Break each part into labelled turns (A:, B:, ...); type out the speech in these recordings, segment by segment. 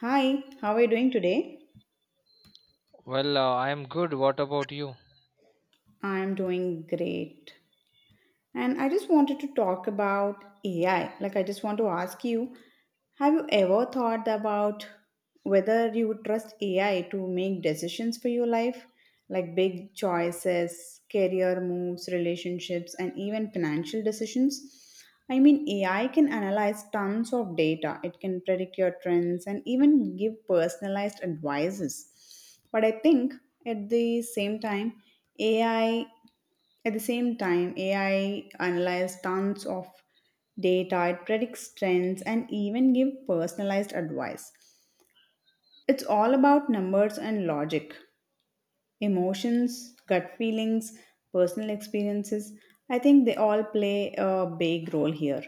A: Hi, how are you doing today?
B: I am good. What about you?
A: I'm doing great. And I just wanted to talk about AI. Like, I just want to ask you, have you ever thought about whether you would trust AI to make decisions for your life? Like big choices, career moves, relationships, and even financial decisions? I mean, AI can analyze tons of data, it can predict your trends and even give personalized advices. But I think at the same time, AI at the same time, AI analyzes tons of data, it predicts trends, and even gives personalized advice. It's all about numbers and logic, emotions, gut feelings, personal experiences. I think they all play a big role here.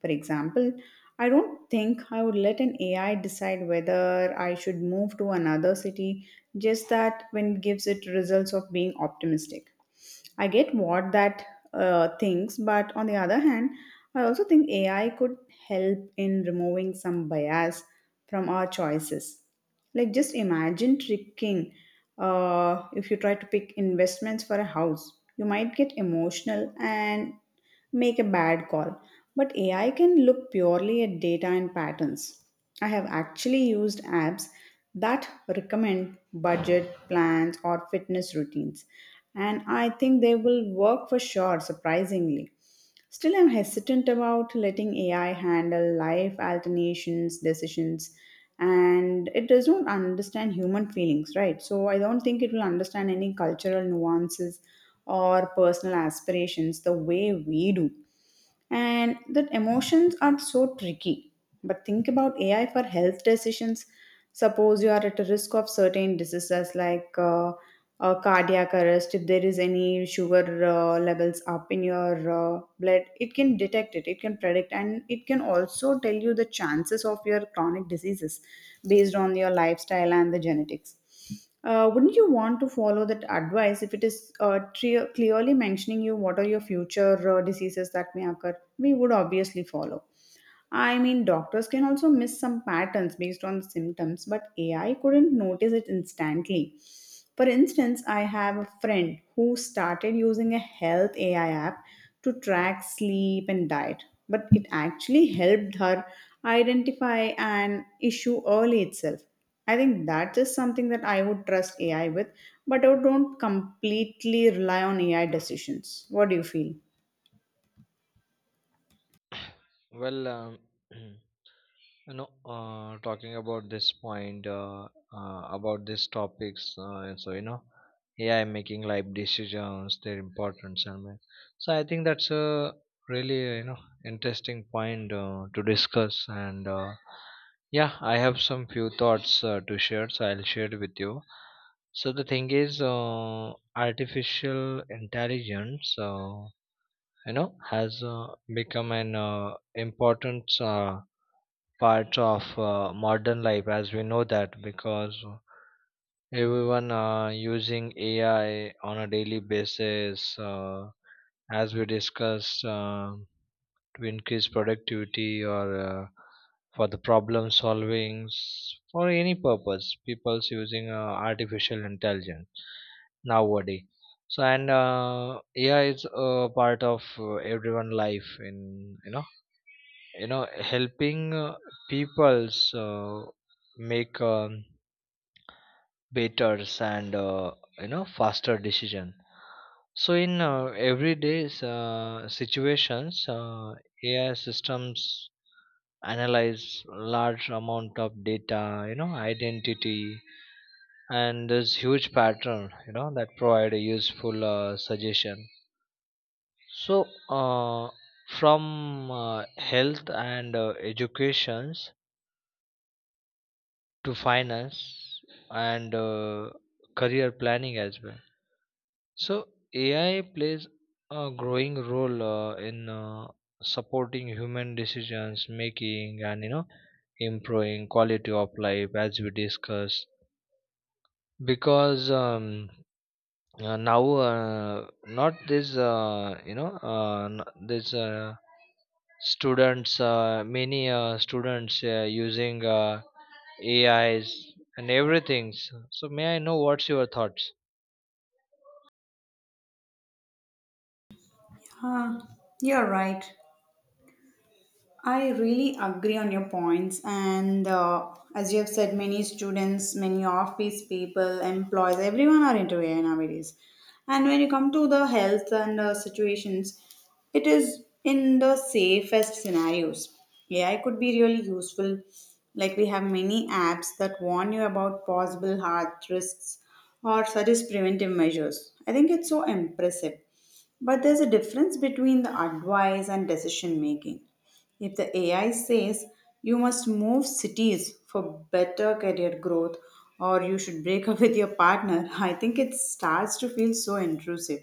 A: For example, I don't think I would let an AI decide whether I should move to another city, just that when it gives it results of being optimistic. I get what that thinks, but on the other hand, I also think AI could help in removing some bias from our choices. Like, just imagine tricking. If you try to pick investments for a house, you might get emotional and make a bad call. But AI can look purely at data and patterns. I have actually used apps that recommend budget plans or fitness routines, and I think they will work for sure, surprisingly. Still, I'm hesitant about letting AI handle life alternations, decisions, and it does not understand human feelings, right? So I don't think it will understand any cultural nuances or personal aspirations the way we do. And that emotions are so tricky. But think about AI for health decisions. Suppose you are at a risk of certain diseases like cardiac arrest, if there is any sugar levels up in your blood, it can detect it, it can predict, and it can also tell you the chances of your chronic diseases based on your lifestyle and the genetics. Wouldn't you want to follow that advice if it is clearly mentioning you what are your future diseases that may occur? We would obviously follow. I mean, doctors can also miss some patterns based on symptoms, but AI couldn't notice it instantly. For instance, I have a friend who started using a health AI app to track sleep and diet, but it actually helped her identify an issue early itself. I think that is something that I would trust AI with, but I don't completely rely on AI decisions. What do you feel?
B: Well, um, you talking about this point, about these topics, and AI making life decisions, their importance, so I think that's a really, interesting point to discuss. And yeah, I have some few thoughts to share, so I'll share it with you. So the thing is, artificial intelligence. You know has become an important part of modern life, as we know, that because everyone using ai on a daily basis, as we discussed, to increase productivity or for the problem solvings, for any purpose people's using artificial intelligence nowadays. So and ai is a part of everyone life in, you know, helping people's make better and faster decision. So in everyday situations, ai systems analyze large amount of data, you know, identity and this huge pattern, you know, that provide a useful suggestion. So from health and educations, to finance and career planning as well. So ai plays a growing role in supporting human decisions making, and, you know, improving quality of life, as we discussed. Because now not this you know n- this students, many students using ais and everything. So so may I know what's your thoughts?
A: Huh, you're right. I really agree on your points, and as you have said, many students, many office people, employees, everyone are into AI nowadays. And when you come to the health and situations, it is in the safest scenarios. AI could be really useful. Like we have many apps that warn you about possible heart risks or suggest preventive measures. I think it's so impressive. But there's a difference between the advice and decision making. If the AI says you must move cities for better career growth or you should break up with your partner, I think it starts to feel so intrusive.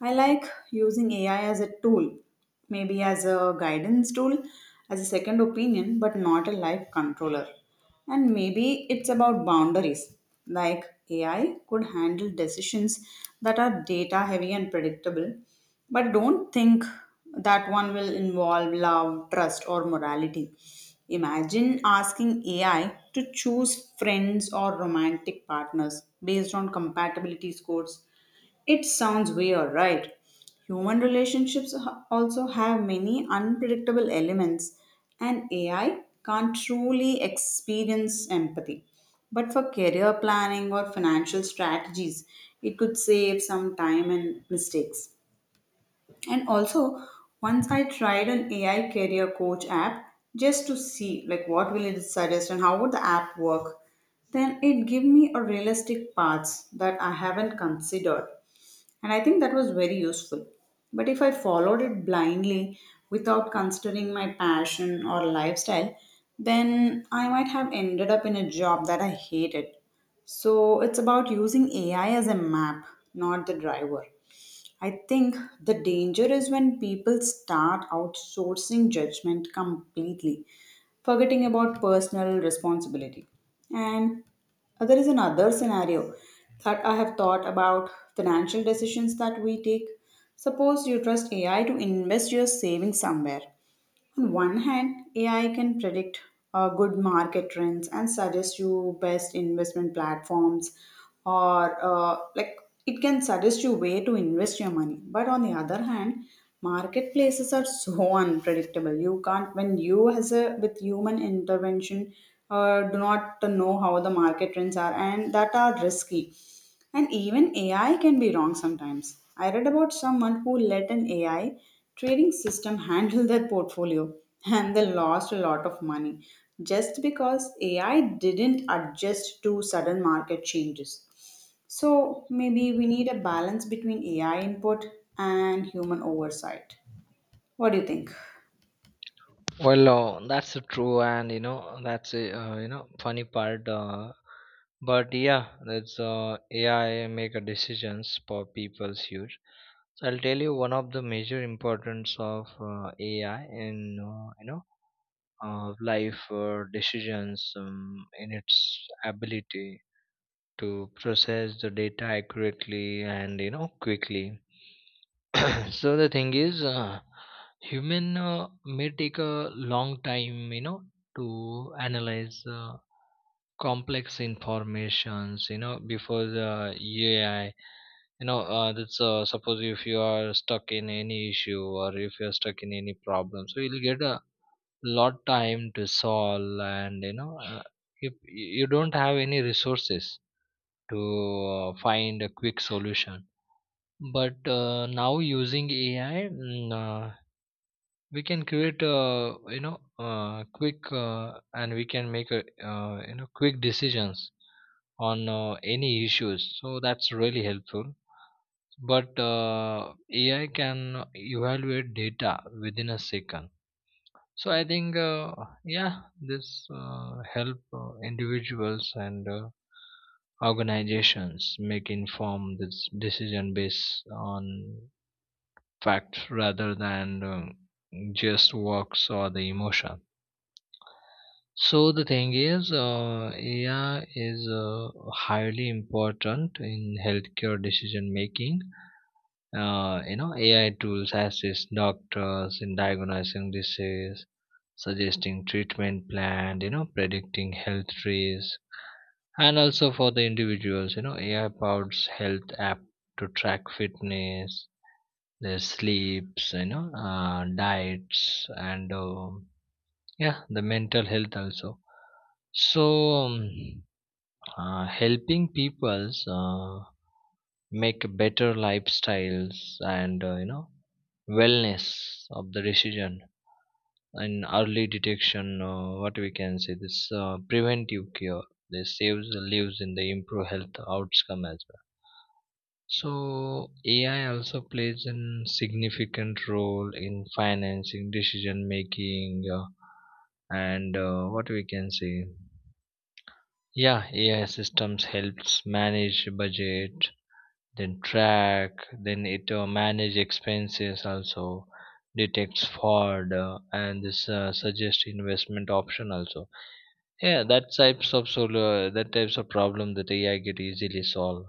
A: I like using AI as a tool, maybe as a guidance tool, as a second opinion, but not a life controller. And maybe it's about boundaries. Like AI could handle decisions that are data heavy and predictable, but don't think that one will involve love, trust, or morality. Imagine asking AI to choose friends or romantic partners based on compatibility scores, it sounds weird, right? Human relationships also have many unpredictable elements, and AI can't truly experience empathy. But for career planning or financial strategies, it could save some time and mistakes. And also, once I tried an AI career coach app just to see like what will it suggest and how would the app work, then it gave me a realistic paths that I haven't considered. And I think that was very useful. But if I followed it blindly without considering my passion or lifestyle, then I might have ended up in a job that I hated. So it's about using AI as a map, not the driver. I think the danger is when people start outsourcing judgment completely, forgetting about personal responsibility. And there is another scenario that I have thought about financial decisions that we take. Suppose you trust AI to invest your savings somewhere. On one hand, AI can predict good market trends and suggest you best investment platforms, or like it can suggest you where to invest your money. But on the other hand, marketplaces are so unpredictable. You can't, when you as a with human intervention do not know how the market trends are, and that are risky. And even AI can be wrong sometimes. I read about someone who let an AI trading system handle their portfolio and they lost a lot of money just because AI didn't adjust to sudden market changes. So maybe we need a balance between AI input and human oversight. What do you think?
B: That's true, and you know that's a, you know, funny part, but yeah, that's ai make a decisions for people's huge. So I'll tell you one of the major importance of AI in, uh, you know life decisions, in its ability to process the data accurately and, you know, quickly. So the thing is, human may take a long time, you know, to analyze complex informations, you know, before the AI. You know that's suppose if you are stuck in any issue, or if you're stuck in any problem, so you'll get a lot time to solve. And if you don't have any resources to find a quick solution. But now using ai, we can create quick, and we can make a quick decisions on any issues, so that's really helpful. But AI can evaluate data within a second. So I think, yeah, this help individuals and organizations make informed this decision based on facts, rather than just works or the emotion. So the thing is, AI is highly important in healthcare decision making. AI tools assist doctors in diagnosing disease, suggesting treatment plan, you know, predicting health risks. And also for the individuals, you know, AI powers health app to track fitness, their sleeps, you know, diets, and, yeah, the mental health also. So, helping people's. Make better lifestyles and, wellness of the decision, and early detection, what we can say, this preventive cure, they saves the lives and they improve health outcome as well. So ai also plays a significant role in financing decision making, and what we can say, yeah, ai systems helps manage budget, then track, then it manage expenses also, detects fraud, and this suggest investment option also. Yeah, that types of solar, that types of problem, that ai get easily solve.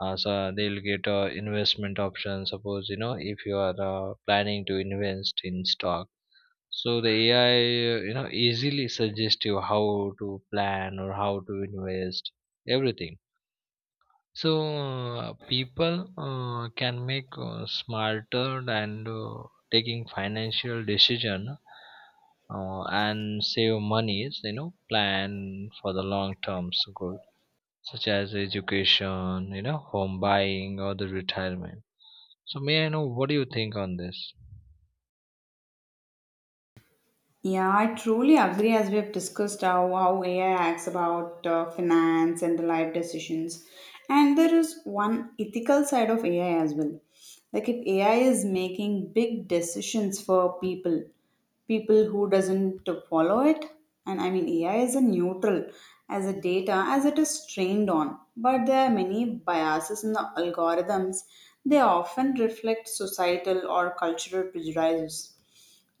B: So they'll get investment option. Suppose, you know, if you are planning to invest in stock, so the ai you know easily suggest you how to plan or how to invest everything. So people can make smarter and taking financial decision, and save monies, you know, plan for the long term goal, such as education, you know, home buying, or the retirement. So may I know what do you think on this?
A: Yeah, I truly agree as we have discussed how AI acts about finance and the life decisions. And there is one ethical side of AI as well. Like if AI is making big decisions for people, people who doesn't follow it, and I mean AI is a neutral as a data as it is trained on, but there are many biases in the algorithms. They often reflect societal or cultural prejudices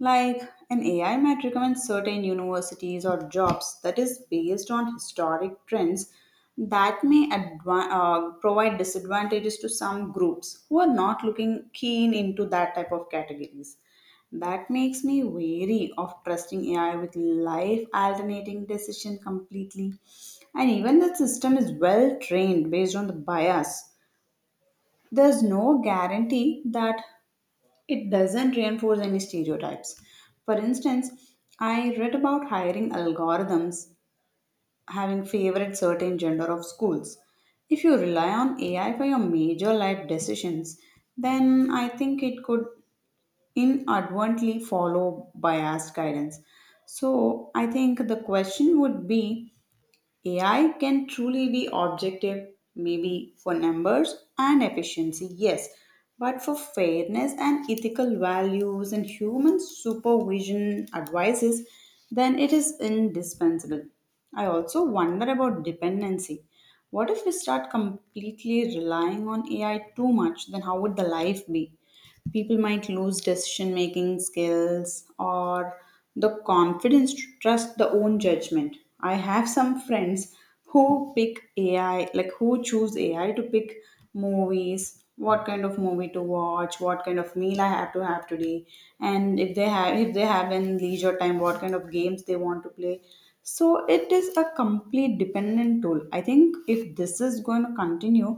A: like an AI might recommend certain universities or jobs that is based on historic trends that may provide disadvantages to some groups who are not looking keen into that type of categories. That makes me wary of trusting AI with life alternating decision completely. And even the system is well trained based on the bias. There's no guarantee that it doesn't reinforce any stereotypes. For instance, I read about hiring algorithms having favored certain gender of schools. If you rely on AI for your major life decisions, then I think it could inadvertently follow biased guidance. So I think the question would be, AI can truly be objective, maybe for numbers and efficiency, yes, but for fairness and ethical values and human supervision advices, then it is indispensable. I also wonder about dependency. What if we start completely relying on AI too much? Then how would the life be? People might lose decision making skills or the confidence to trust the own judgment. I have some friends who pick AI, like who choose AI to pick movies, what kind of movie to watch, what kind of meal I have to have today, and if they have, if they have in leisure time, what kind of games they want to play. So it is a complete dependent tool. I think if this is going to continue,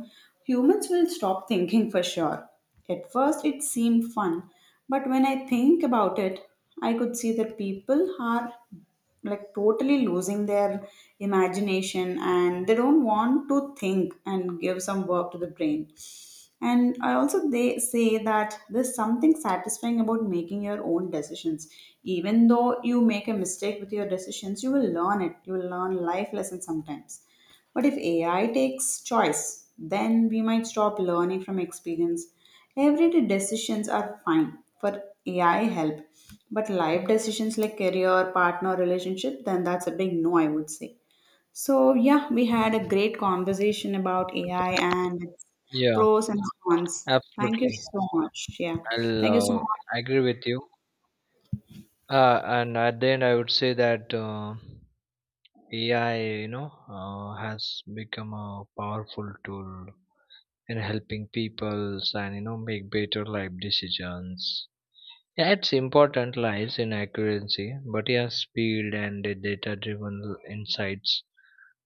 A: humans will stop thinking for sure. At first, it seemed fun, but when I think about it, I could see that people are like totally losing their imagination and they don't want to think and give some work to the brain. And I also, they say that there's something satisfying about making your own decisions. Even though you make a mistake with your decisions, you will learn it. You will learn life lessons sometimes. But if AI takes choice, then we might stop learning from experience. Everyday decisions are fine for AI help, but life decisions like career, partner, relationship, then that's a big no, I would say. So, yeah, we had a great conversation about AI and its
B: Yeah,
A: pros and cons. Thank you
B: absolutely.
A: so much. Yeah.
B: I'll
A: Thank you so
B: uh,
A: much.
B: agree with you. And at the end, I would say that. AI, you know, has become a powerful tool in helping people, and, make better life decisions. Yeah, its important lies in accuracy, but yeah, speed and the data-driven insights.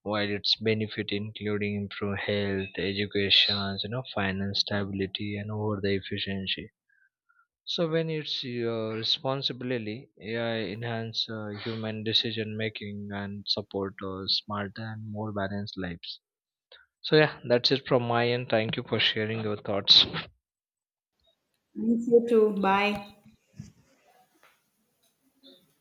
B: While its benefit including improve health, education, you know, finance stability, and over the efficiency. So when it's your responsibility, AI enhance human decision making, and support smart and more balanced lives. So yeah, that's it from my end. Thank you for sharing your thoughts.
A: Thank you too. Bye.